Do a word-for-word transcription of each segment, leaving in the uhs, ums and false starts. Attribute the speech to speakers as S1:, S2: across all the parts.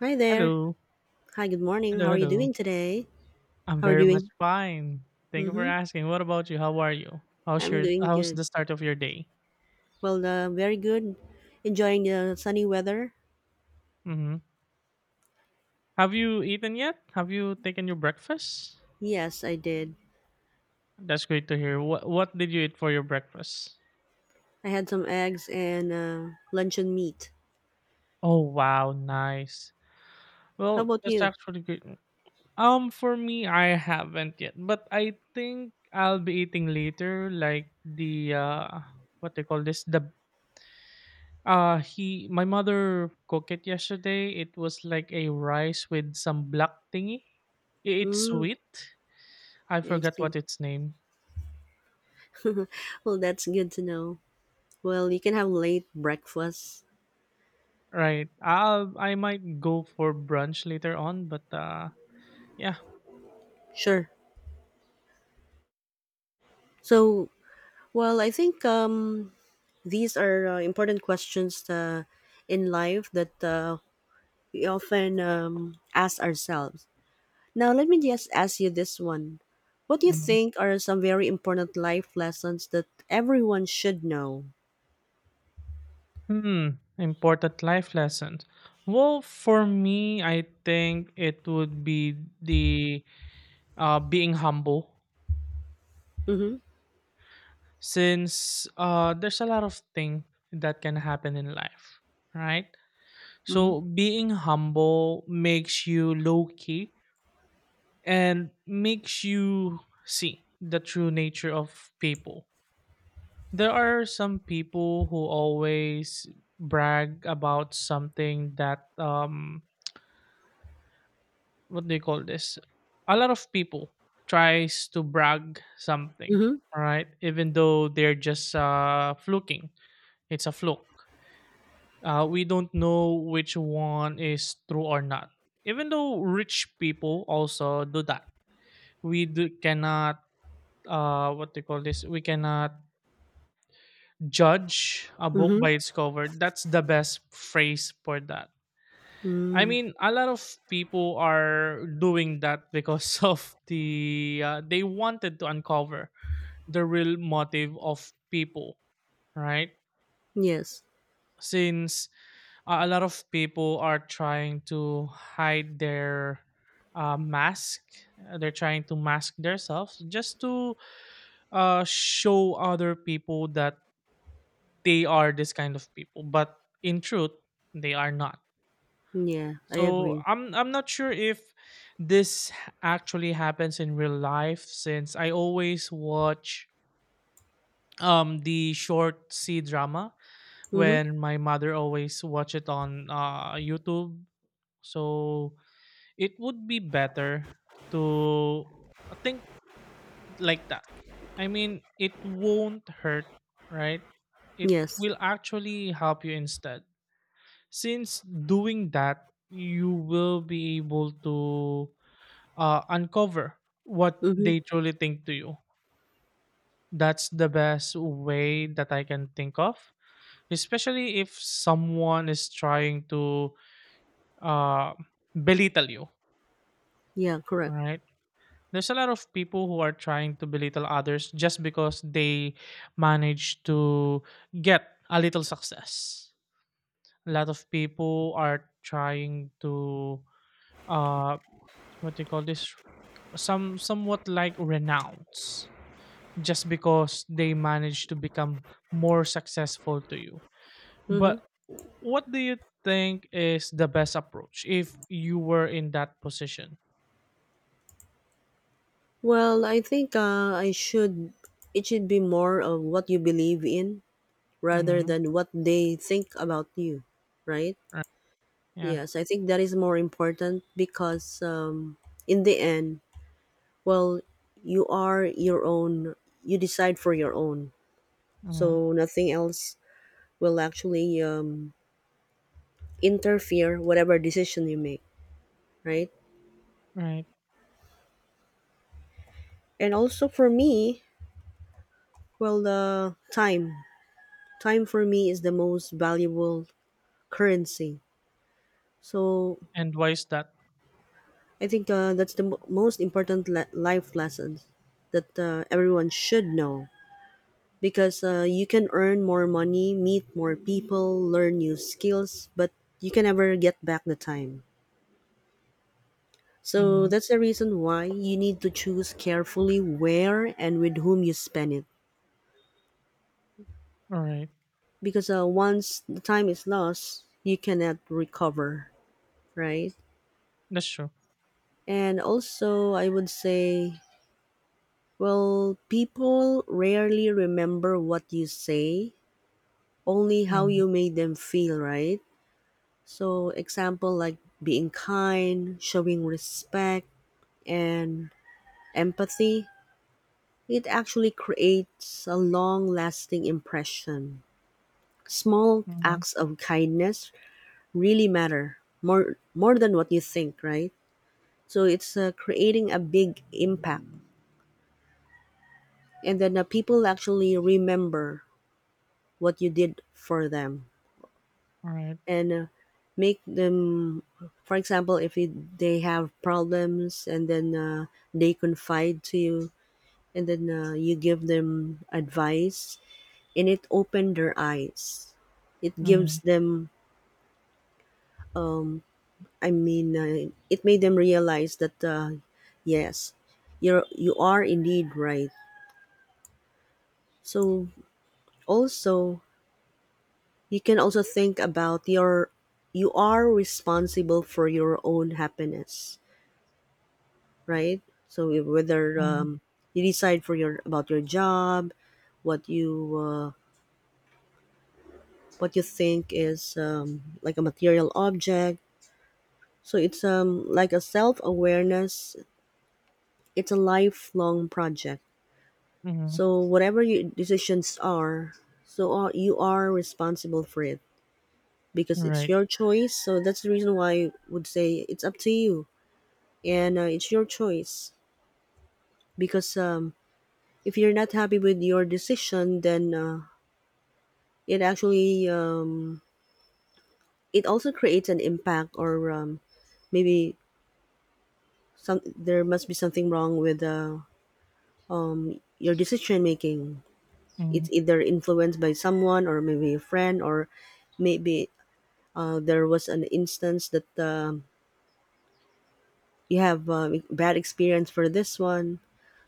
S1: Hi there.
S2: Hello.
S1: Hi, good morning.
S2: Hello,
S1: How are you
S2: hello.
S1: doing today?
S2: I'm
S1: How are
S2: very
S1: you
S2: much
S1: doing?
S2: fine. Thank you for
S1: Mm-hmm.
S2: asking. What about you? How are you? How's
S1: I'm
S2: your
S1: doing
S2: how's
S1: good.
S2: the start of your day?
S1: Well, uh, very good. Enjoying the sunny weather?
S2: Mm-hmm. Have you eaten yet? Have you taken your breakfast?
S1: Yes, I did.
S2: That's great to hear. What what did you eat for your breakfast?
S1: I had some eggs and uh, luncheon meat.
S2: Oh wow, nice.
S1: How
S2: Well,
S1: about
S2: that's
S1: you?
S2: actually great. Um, for me, I haven't yet, but I think I'll be eating later, like the uh, what they call this, the Uh he my mother cooked it yesterday. It was like a rice with some black thingy. I- It's
S1: Mm,
S2: sweet. I
S1: I
S2: forgot
S1: see.
S2: what its name.
S1: Well, that's good to know. Well, you can have late breakfast.
S2: Right. I'll, I might go for brunch later on, but uh yeah.
S1: Sure. So, well, I think um, these are uh, important questions uh, in life that uh, we often um, ask ourselves. Now, let me just ask you this one. What do you
S2: Mhm.
S1: think are some very important life lessons that everyone should know?
S2: Hmm, important life lessons. Well, for me, I think it would be the uh, being humble,
S1: Mm
S2: since uh, there's a lot of things that can happen in life, right?
S1: hmm. Mm
S2: So
S1: hmm.
S2: being humble makes you low key and makes you see the true nature of people. There are some people who always brag about something that um what do you call this? A lot of people tries to brag something,
S1: Mm hmm.
S2: all right? Even though they're just uh, fluking, it's a fluke. Uh, we don't know which one is true or not. Even though rich people also do that, we do, cannot uh, what do you call this? We cannot judge a
S1: Mm
S2: book
S1: hmm.
S2: by its cover. That's the best phrase for that. I
S1: Mm.
S2: mean, a lot of people are doing that because of the uh, they wanted to uncover the real motive of people, right?
S1: Yes.
S2: Since uh, a lot of people are trying to hide their uh, mask, uh, they're trying to mask themselves just to uh, show other people that they are this kind of people, but in truth, they are not.
S1: Yeah, I
S2: So
S1: agree.
S2: I'm I'm not sure if this h- actually happens in real life since I always watch um the short C drama
S1: Mm hmm.
S2: when my mother always watch it on uh YouTube. So it would be better to think like that. I mean, it won't hurt, right? It
S1: Yes.
S2: will actually help you instead. Since doing that, you will be able to uh, uncover what
S1: Mm hmm.
S2: they truly think to you. That's the best way that I can think of, especially if someone is trying to uh, belittle you,
S1: Yeah, correct.
S2: right? There's a lot of people who are trying to belittle others just because they manage to get a little success. A lot of people are trying to uh, what do you call this? Some somewhat like renounce just because they managed to become more successful to you.
S1: Mm hmm.
S2: But what do you think is the best approach if you were in that position?
S1: Well, I think uh, I should, it should be more of what you believe in rather
S2: Mm-hmm.
S1: than what they think about you, right?
S2: Right. Yeah.
S1: Yes, I think that is more important because, um, in the end, well, you are your own. You decide for your own.
S2: Hmm.
S1: So nothing else will actually um, interfere whatever decision you make, right?
S2: Right.
S1: And also for me, well, the time. Time for me is the most valuable currency. So
S2: And why is that?
S1: I think uh, that's the mo- most important le- life lessons that uh, everyone should know. because uh, you can earn more money, meet more people, learn new skills, but you can never get back the time. So
S2: Mm-hmm.
S1: that's the reason why you need to choose carefully where and with whom you spend it.
S2: All right.
S1: Because uh, once the time is lost, you cannot recover, right?
S2: That's true.
S1: And also, I would say, well, people rarely remember what you say, only how
S2: Mm-hmm.
S1: you made them feel, right? So, example like being kind, showing respect, and empathy, it actually creates a long lasting impression. Small acts of kindness really matter more more than what you think, right? So it's uh, creating a big impact, and then uh, people actually remember what you did for them.
S2: All right.
S1: and uh, make them, for example, if it, they have problems and then uh, they confide to you, and then uh, you give them advice, and it opened their eyes, it gives
S2: Mhm,
S1: them, I mean, uh, it made them realize that, uh, yes, you're you are indeed right. So also, you can also think about your you are responsible for your own happiness, right? So if- whether,
S2: mhm,
S1: um, you decide for your about your job, what you uh, what you think is, um, like a material object. So it's, um, like a self awareness. It's a lifelong project.
S2: mhm.
S1: So whatever your decisions are, so are, you are responsible for it because it's
S2: Right.
S1: your choice. So that's the reason why I would say it's up to you, and uh, it's your choice, because um, if you're not happy with your decision, then, uh, it actually um, it also creates an impact, or, um, maybe, some there must be something wrong with, uh, your decision making. It's
S2: Mhm.
S1: either influenced by someone, or maybe a friend, or maybe uh, there was an instance that, um you have um bad experience for this one.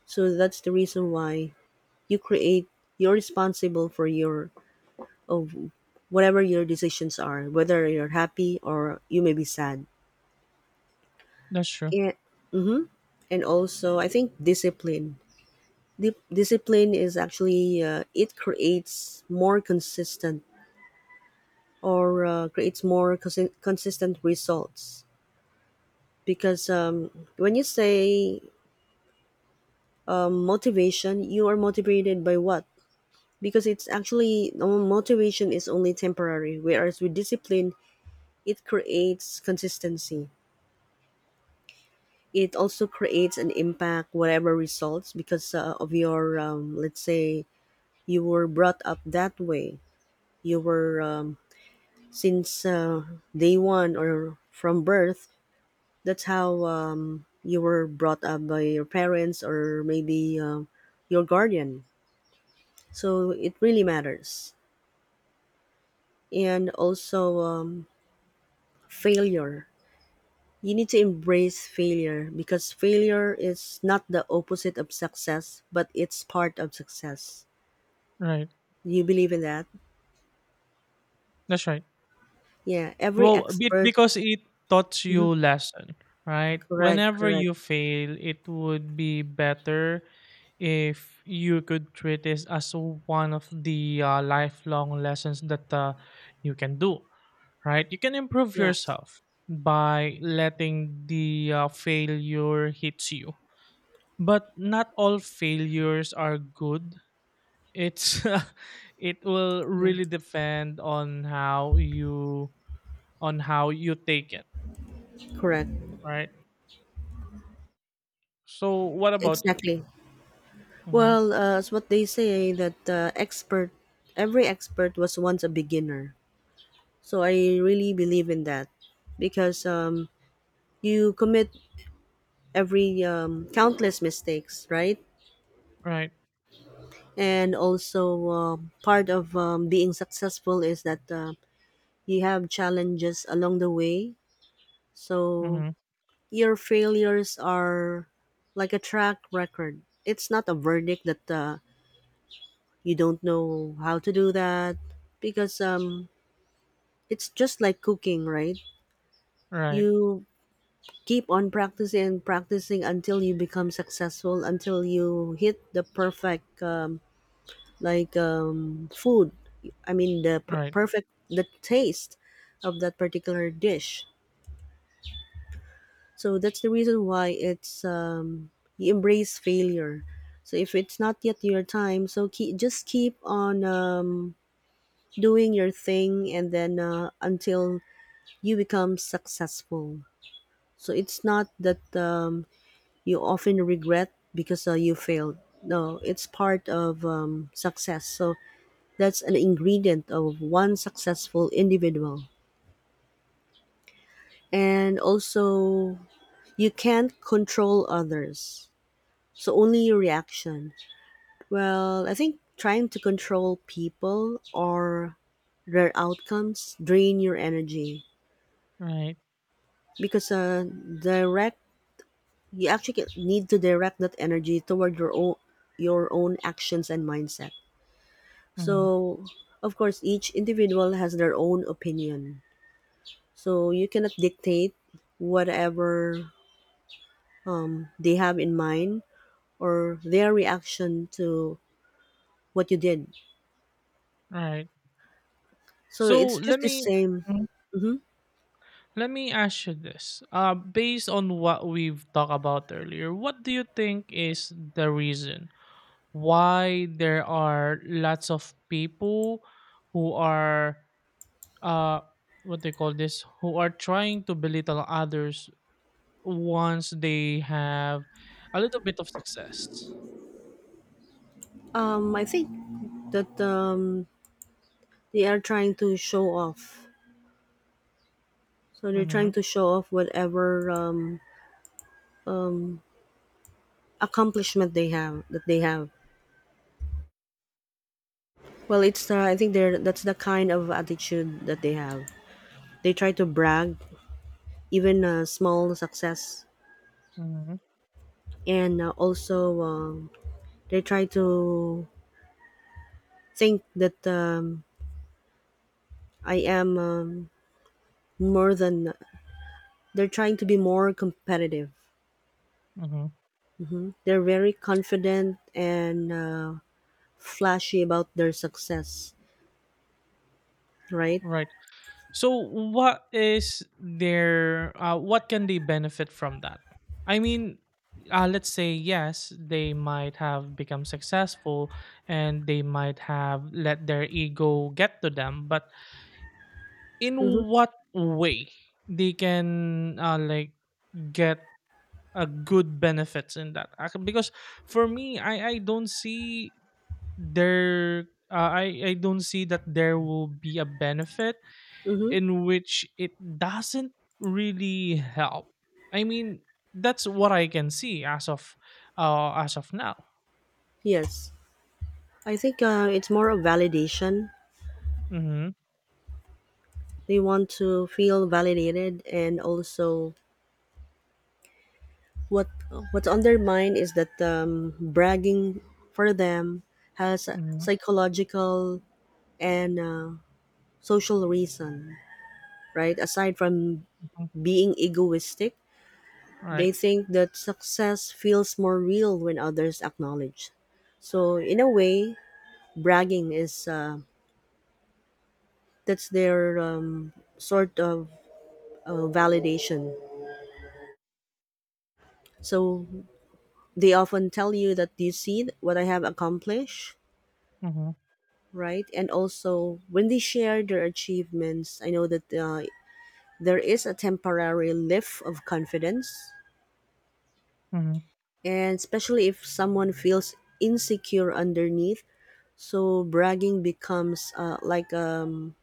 S1: So that's the reason why you create you're responsible for your of whatever your decisions are, whether you're happy or you may be sad.
S2: That's true.
S1: Yeah. And also, I think discipline. Di- discipline is actually, uh, it creates more consistent, or uh, creates more consi- consistent results, because, um, when you say, um, motivation, you are motivated by what? Because it's actually, um, motivation is only temporary, whereas with discipline, it creates consistency. It also creates an impact, whatever results, because uh, of your, um, let's say, you were brought up that way. You were um, since uh, day one or from birth. That's how, um, you were brought up by your parents, or maybe um your guardian. So it really matters. And also, um, failure. You need to embrace failure, because failure is not the opposite of success, but it's part of success.
S2: Right.
S1: Do you believe in that?
S2: That's right.
S1: Yeah, every
S2: Well, be
S1: expert.
S2: because it taught
S1: Mhm.
S2: you lesson, right?
S1: Correct,
S2: Whenever
S1: correct.
S2: you fail, it would be better if you could treat this as one of the uh, lifelong lessons that uh, you can do, right? You can improve
S1: Yeah,
S2: yourself by letting the uh, failure hits you. But not all failures are good, it's it will
S1: yeah.
S2: really depend on how you on how you take it,
S1: Correct.
S2: right? So what about you?
S1: Exactly.
S2: Mm-hmm.
S1: Well, uh, it's what they say, eh, that, uh, expert, every expert was once a beginner. So I really believe in that, because, um, you commit every, um, countless mistakes, right?
S2: Right.
S1: And also, um part of, um, being successful is that, uh, you have challenges along the way. So
S2: Mm-hmm.
S1: your failures are like a track record. It's not a verdict that, uh, you don't know how to do that, because, um, it's just like cooking, right?
S2: Right.
S1: You keep on practicing and practicing until you become successful, until you hit the perfect, um, like, um, food. I mean, the per-
S2: Right.
S1: perfect, the taste of that particular dish. So that's the reason why, it's, um, you embrace failure. So if it's not yet your time, so keep, just keep on, um, doing your thing, and then uh, until you become successful. So it's not that, um, you often regret because, uh, you failed. No, it's part of, um, success. So that's an ingredient of one successful individual. And also, you can't control others. So only your reaction. Well, I think trying to control people or their outcomes drain your energy,
S2: Right.
S1: because uh, direct you actually get- need to direct that energy toward your own your own actions and mindset.
S2: Mm-hmm.
S1: So, of course, each individual has their own opinion. So you cannot dictate whatever, um, they have in mind, or their reaction to what you did.
S2: Right.
S1: So
S2: So
S1: it's just
S2: let
S1: the
S2: me
S1: same.
S2: Mhm.
S1: hmm
S2: let me ask you this, uh based on what we've talked about earlier, what do you think is the reason why there are lots of people who are uh what they call this who are trying to belittle others once they have a little bit of success?
S1: Um, I think that, um, they are trying to show off. So they're
S2: Mm-hmm,
S1: trying to show off whatever, um, accomplishment they have that they have. Well, it's, uh, I think they're that's the kind of attitude that they have. They try to brag, even uh, small success,
S2: mm-hmm,
S1: and uh, also, um, they try to think that, um, I am, um, more than. They're trying to be more competitive.
S2: mm-hmm.
S1: They're very confident and, uh, flashy about their success, right?
S2: Right. So what is their, uh, what can they benefit from that? I mean, uh, let's say yes, they might have become successful and they might have let their ego get to them, but in
S1: Mm-hmm.
S2: what way they can, uh, like, get a good benefits in that? Ac- because for me, i i don't see there, uh, i i don't see that there will be a benefit
S1: Mm-hmm.
S2: in which it doesn't really help. I mean, that's what I can see as of uh as of now.
S1: Yes. I think, uh, it's more of validation.
S2: Mm-hmm,
S1: They want to feel validated, and also, What what's undermined is that, um, bragging for them has a
S2: mm-hmm,
S1: psychological and, uh, social reason, right? Aside from
S2: mm-hmm.
S1: being egoistic,
S2: All
S1: they
S2: right.
S1: think that success feels more real when others acknowledge. So in a way, bragging is uh, that's their, um, sort of, uh, validation. So they often tell you that, do you see what I have accomplished?
S2: Mm-hmm,
S1: Right? And also, when they share their achievements, I know that, uh, there is a temporary lift of confidence,
S2: mm-hmm,
S1: and especially if someone feels insecure underneath, so bragging becomes, uh, like, um,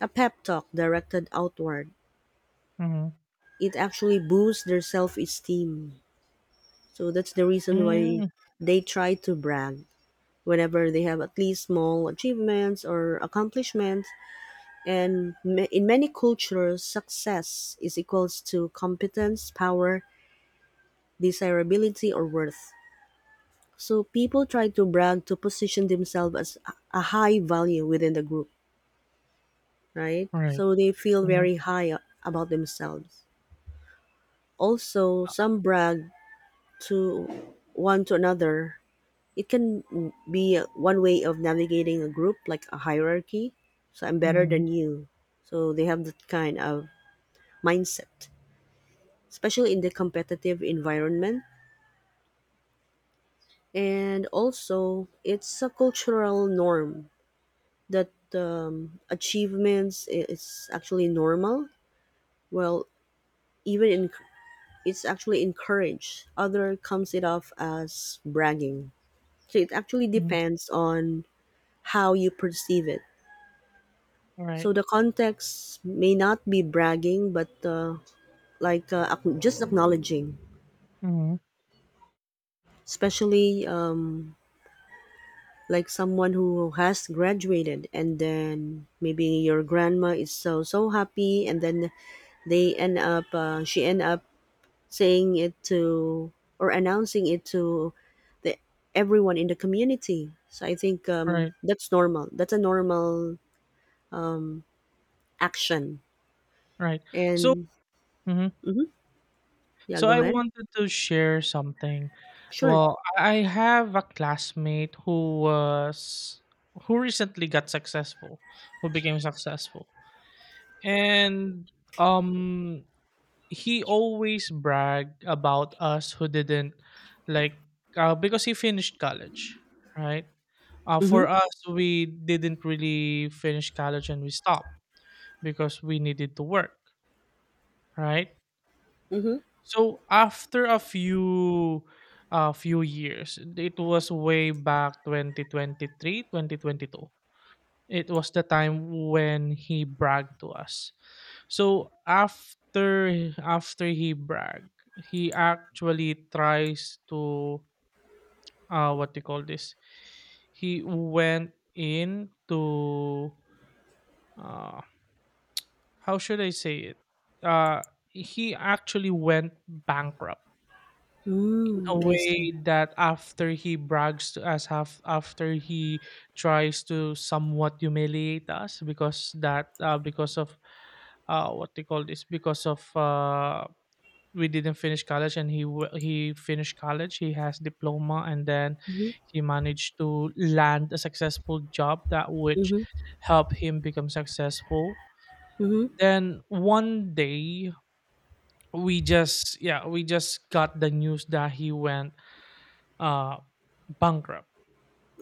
S1: a pep talk directed outward.
S2: mm-hmm.
S1: It actually boosts their self esteem. So that's the reason why
S2: Mm,
S1: they try to brag whenever they have at least small achievements or accomplishments. And ma- in many cultures, success is equals to competence, power, desirability, or worth. So people try to brag to position themselves as a a high value within the group, right?
S2: all right,
S1: So they feel
S2: mm-hmm,
S1: very high, a- about themselves. Also,
S2: uh,
S1: some brag to one to another. It can be one way of navigating a group, like a hierarchy. So I'm better
S2: mm-hmm,
S1: than you. So they have that kind of mindset, especially in the competitive environment. And also, it's a cultural norm that, um, achievements i- is actually normal. Well, even in it's actually encouraged. Other comes it off as bragging. So it actually
S2: mm-hmm.
S1: depends on how you perceive it.
S2: All right.
S1: So the context may not be bragging, but, uh, like, uh, ac- just acknowledging,
S2: Mm-hmm.
S1: especially, um, like someone who has graduated, and then maybe your grandma is so so happy, and then they end up uh, she end up saying it to, or announcing it to, the everyone in the community. So I think,
S2: All
S1: um,
S2: right.
S1: that's normal that's a normal action.
S2: All right. So
S1: And
S2: mm-hmm.
S1: mhm, yeah,
S2: So
S1: go
S2: I
S1: ahead.
S2: wanted to share something.
S1: Sure.
S2: Well, I have a classmate who was who recently got successful, who became successful. And um he always bragged about us who didn't, like uh, because he finished college, right? Uh, for
S1: Mm-hmm.
S2: us we didn't really finish college and we stopped because we needed to work, right?
S1: Mm-hmm.
S2: So after a few a few years, it was way back twenty twenty three, twenty twenty two. It was the time when he bragged to us. So after after he bragged, he actually tries to uh what do you call this? He went in to uh how should I say it? Uh he actually went bankrupt in a
S1: Mm, I see.
S2: way that after he brags to us, half after he tries to somewhat humiliate us because that uh, because of uh, what they call this because of uh, we didn't finish college and he w- he finished college, he has diploma, and then
S1: Mm-hmm.
S2: he managed to land a successful job that which
S1: Mm-hmm.
S2: helped him become successful.
S1: Mm-hmm.
S2: Then one day we just, yeah, we just got the news that he went uh bankrupt.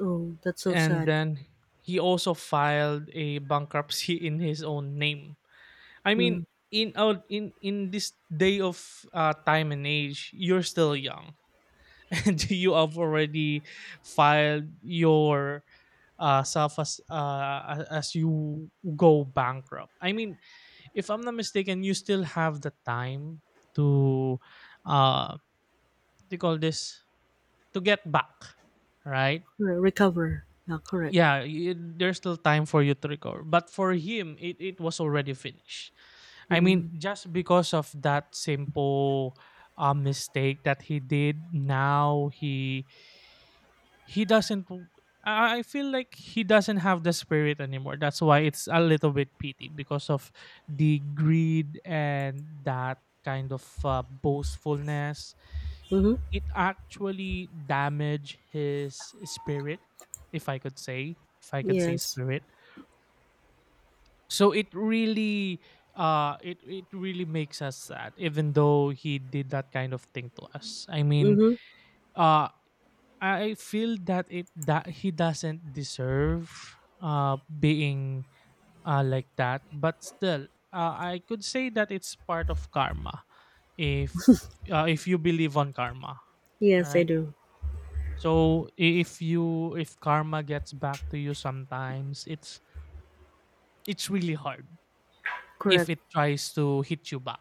S1: Oh, that's so
S2: And
S1: sad.
S2: then he also filed a bankruptcy in his own name. I mean,
S1: Mm.
S2: in out in in this day of uh, time and age, you're still young and you have already filed your uh, self as uh, a- as you go bankrupt. I mean, if I'm not mistaken, you still have the time to uh what do you call this to get back, right?
S1: Re- recover. Yeah, correct.
S2: yeah y There's still time for you to recover, but for him it, it was already finished. I mean,
S1: Mm.
S2: just because of that simple uh, mistake that he did, now he he doesn't w- I I feel like he doesn't have the spirit anymore. That's why it's a little bit pity because of the greed and that kind of uh, boastfulness,
S1: Mm-hmm.
S2: it actually damaged his spirit, if I could say, if i could say
S1: Yes.
S2: spirit. So it really uh it it really makes us sad, even though he did that kind of thing to us. I mean,
S1: Mm-hmm.
S2: uh I feel that it that he doesn't deserve uh being uh like that, but still, uh, I could say that it's part of karma, if uh, if you believe on karma,
S1: Yes, I
S2: right?
S1: do.
S2: So i- if you, if karma gets back to you, sometimes it's it's really hard if
S1: Correct.
S2: it tries to hit you back.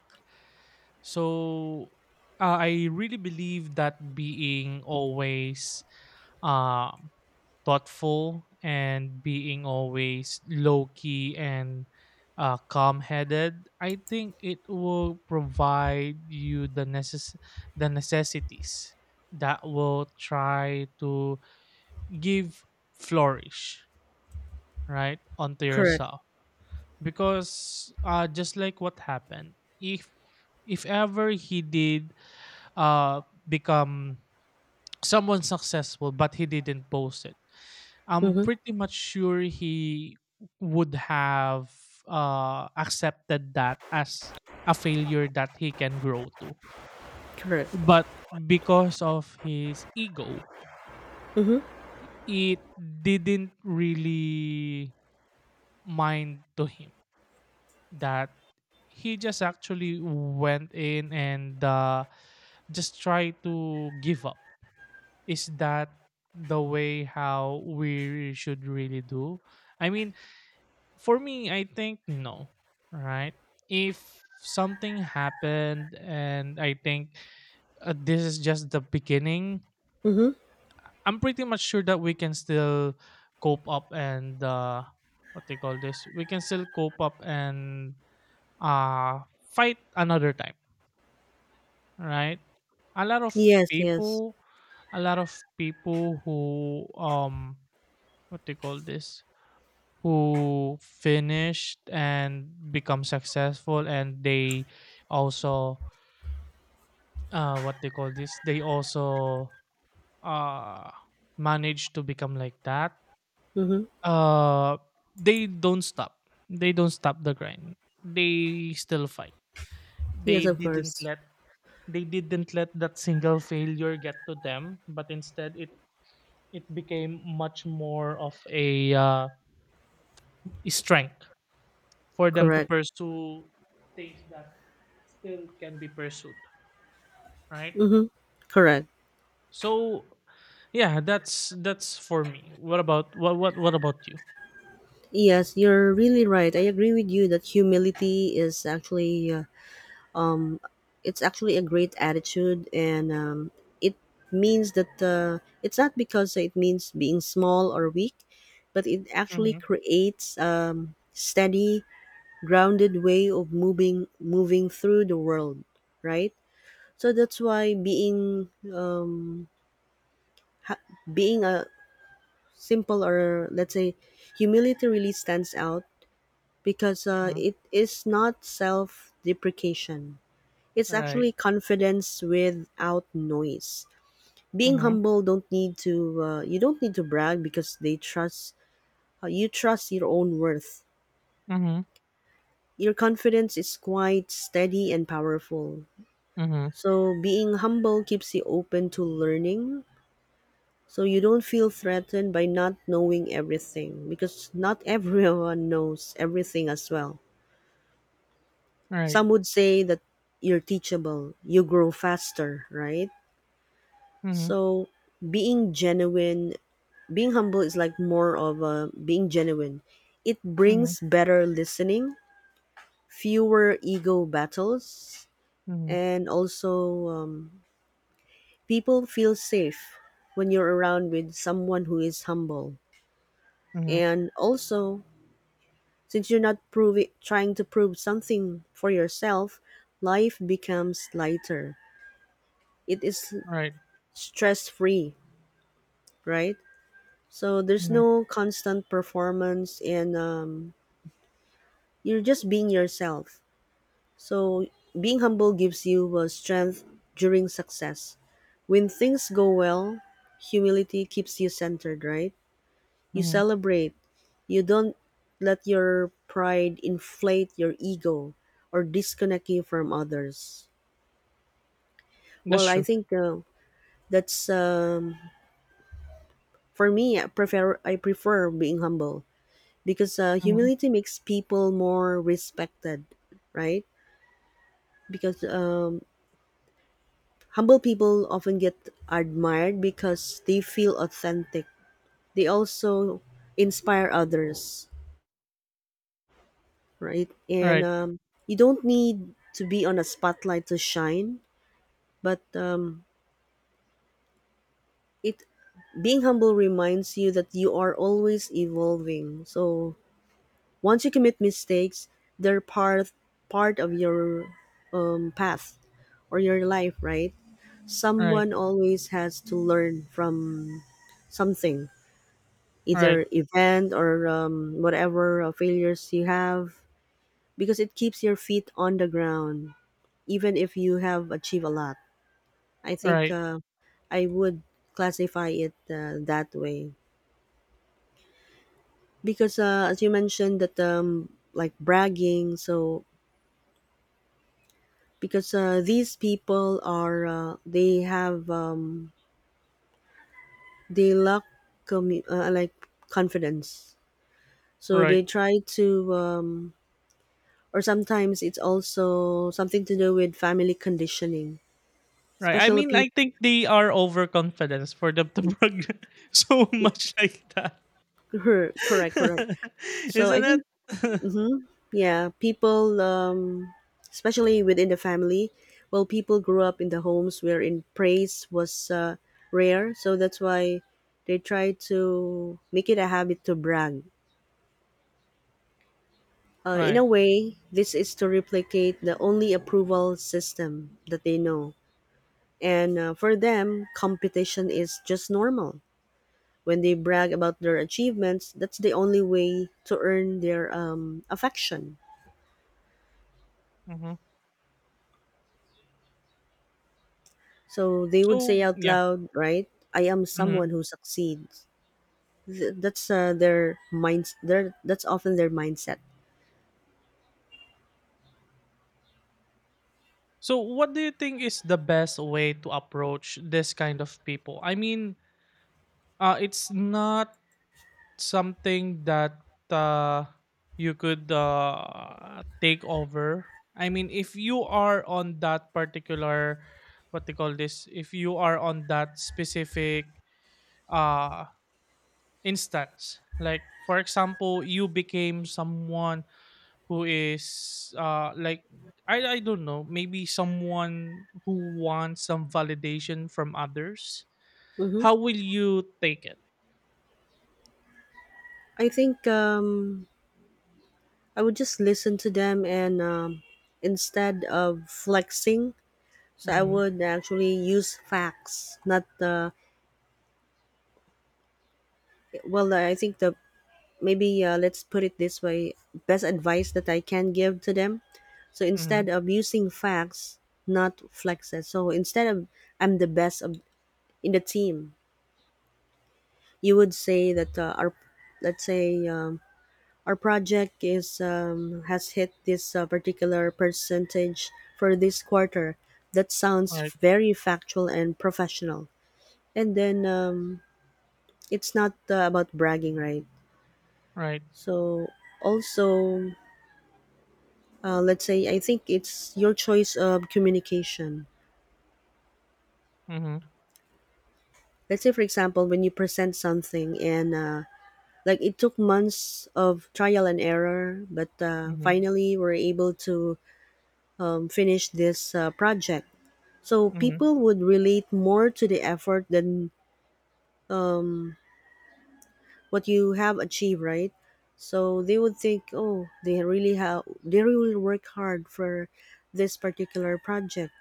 S2: So uh, I really believe that being always um, thoughtful and being always low key and uh, calm headed, I think it will provide you the necess- the necessities that will try to give flourish right onto
S1: Correct.
S2: yourself. Because uh, just like what happened, if if ever he did uh, become someone successful, but he didn't post it, I'm
S1: Mm-hmm.
S2: pretty much sure he would have uh, accepted that as a failure that he can grow to.
S1: Correct.
S2: But because of his ego,
S1: Mm-hmm.
S2: it didn't really mind to him that he just actually went in and uh, just tried to give up. Is that the way how we should really do? I mean, for me, I think no, right? If something happened and I think uh, this is just the beginning,
S1: Mm-hmm.
S2: I'm pretty much sure that we can still cope up and uh, what they call this, we can still cope up and uh, fight another time, right? A lot of
S1: Yes, yes.
S2: people, a lot of people who um what do you call this who finished and become successful, and they also uh what they call this they also uh manage to become like that.
S1: Mm-hmm.
S2: uh they don't stop, they don't stop the grind, they still fight.
S1: Yes,
S2: they
S1: of
S2: didn't
S1: course.
S2: let they didn't let that single failure get to them, but instead it it became much more of a uh, strength for them to
S1: Correct.
S2: pursue things that still can be pursued, right?
S1: Mm-hmm. Correct.
S2: So yeah, that's that's for me. What about what what what about you?
S1: Yes, you're really right. I agree with you that humility is actually, uh, um it's actually a great attitude, and, um it means that, uh, it's not because it means being small or weak, but it actually
S2: Mm-hmm,
S1: creates, um steady, grounded way of moving moving through the world, right? So that's why being um ha- being a simple, or let's say, humility really stands out, because, uh,
S2: mm-hmm.
S1: it is not self deprecation, it's
S2: Right.
S1: actually confidence without noise. Being
S2: Mm-hmm,
S1: humble don't need to, uh, you don't need to brag, because they trust uh, you trust your own worth.
S2: mm-hmm,
S1: Your confidence is quite steady and powerful.
S2: mm-hmm.
S1: So being humble keeps you open to learning. So you don't feel threatened by not knowing everything, because not everyone knows everything as well.
S2: Right.
S1: Some would say that you're teachable, you grow faster, right?
S2: Mm-hmm,
S1: So being genuine, being humble is like more of a being genuine. It
S2: mm-hmm.
S1: brings better listening, fewer ego battles,
S2: Mhm,
S1: and also um, people feel safe when you're around with someone who is humble.
S2: mhm,
S1: And also, since you're not proving trying to prove something for yourself, life becomes lighter. It is
S2: right,
S1: stress-free, right? So there's
S2: mhm,
S1: no constant performance, and um, you're just being yourself. So being humble gives you uh, strength during success. When things go well, humility keeps you centered, right? You
S2: mhm,
S1: celebrate. You don't let your pride inflate your ego or disconnect you from others.
S2: that's
S1: Well, I
S2: true,
S1: think uh, that's um, for me. I prefer I prefer being humble because uh,
S2: mhm,
S1: humility makes people more respected, right? Because um, humble people often get admired because they feel authentic. They also inspire others, right? And
S2: right,
S1: um, You don't need to be on a spotlight to shine, but um, it being humble reminds you that you are always evolving. So once you commit mistakes, they're part part of your um, path or your life, right?
S2: right,
S1: Someone always has to learn from something,
S2: right,
S1: either event or um, whatever uh, failures you have, because it keeps your feet on the ground even if you have achieved a lot. I think
S2: right,
S1: uh, I would classify it uh, that way because uh, as you mentioned that um, like bragging. So because uh, these people are uh, they have um, they lack commu- uh, like confidence, so
S2: right,
S1: they try to. Um, or sometimes it's also something to do with family conditioning,
S2: right. I
S1: especially
S2: mean, I
S1: people.
S2: think they are overconfidence for them to brag so much like that,
S1: Correct, correct. So I
S2: isn't
S1: think.
S2: it?
S1: Mm-hmm. Yeah, people, um, especially within the family, well, people grew up in the homes wherein praise was uh, rare, so that's why they try to make it a habit to brag. Uh, in
S2: Right,
S1: a way, this is to replicate the only approval system that they know. And uh, for them, competition is just normal. When they brag about their achievements, that's the only way to earn their um, affection.
S2: mhm,
S1: So they would
S2: so
S1: say out
S2: yeah,
S1: loud, right? I am someone
S2: mhm,
S1: who succeeds. Th- That's uh, their minds. Their That's often their mindset.
S2: so what do you think is the best way to approach this kind of people? I mean, uh, it's not something that uh, you could uh, take over. I mean, if you are on that particular, what they call this, if you are on that specific uh, instance, like for example, you became someone who is uh, like, I, I don't know, maybe someone who wants some validation from others.
S1: Hmm.
S2: How will you take it?
S1: I think um, I would just listen to them, and um, instead of flexing, so I
S2: Mm-hmm.
S1: would actually use facts, not uh, well. I think the maybe uh, let's put it this way: best advice that I can give to them, so
S2: Mm-hmm.
S1: instead of using facts, not flexes. So instead of I'm the best of in the team, you would say that uh, our, let's say um, our project is um, has hit this uh, particular percentage for this quarter. That sounds
S2: Right.
S1: very factual and professional. And then um, it's not uh, about bragging, right?
S2: Right.
S1: So also, uh, let's say I think it's your choice of communication.
S2: Mm-hmm.
S1: Let's say, for example, when you present something, and uh, like it took months of trial and error, but uh,
S2: Mm-hmm.
S1: finally we're able to um, finish this uh, project, so
S2: Mhm,
S1: people would relate more to the effort than what you have achieved, right? So they would think, oh, they really have they really work hard for this particular project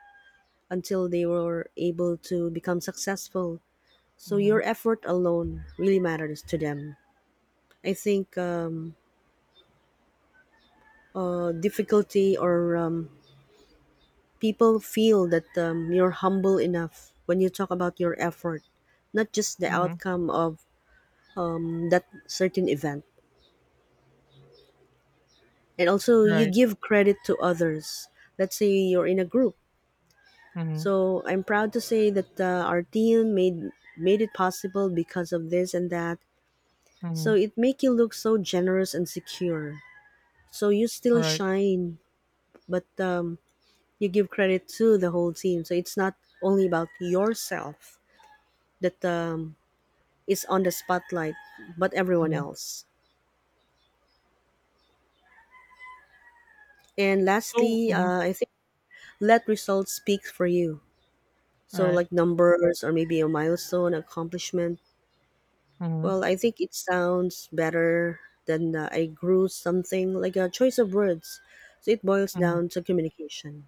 S1: until they were able to become successful. So
S2: mhm,
S1: your effort alone really matters to them. I think um, uh, difficulty or um, people feel that um, you're humble enough when you talk about your effort, not just the
S2: mhm,
S1: outcome of um, that certain event. And also, you
S2: right,
S1: give credit to others. Let's say you're in a group.
S2: mhm,
S1: So I'm proud to say that uh, our team made made it possible because of this and that. So
S2: mhm,
S1: it make you look so generous and secure. So you still
S2: alright,
S1: shine, but um, you give credit to the whole team. So it's not only about yourself that um, is on the spotlight, but everyone
S2: mhm.
S1: else. And
S2: So
S1: lastly,
S2: mhm,
S1: uh, I think let results speak for you. So,
S2: right,
S1: like numbers or maybe a milestone, accomplishment.
S2: mhm,
S1: Well, I think it sounds better than uh, I grew something, like a choice of words. So, it boils
S2: mhm,
S1: down to communication.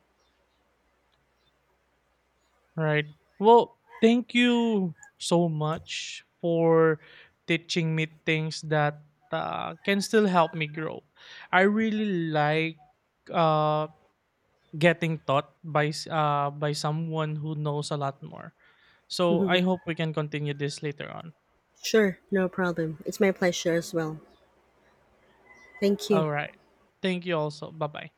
S2: right. Well, thank you so much for teaching me things that uh, can still help me grow. I really like uh getting taught by s- uh by someone who knows a lot more. So I hope we can continue this later on.
S1: Sure, no problem. It's my pleasure as well. Thank you.
S2: All right. Thank you also. Bye-bye.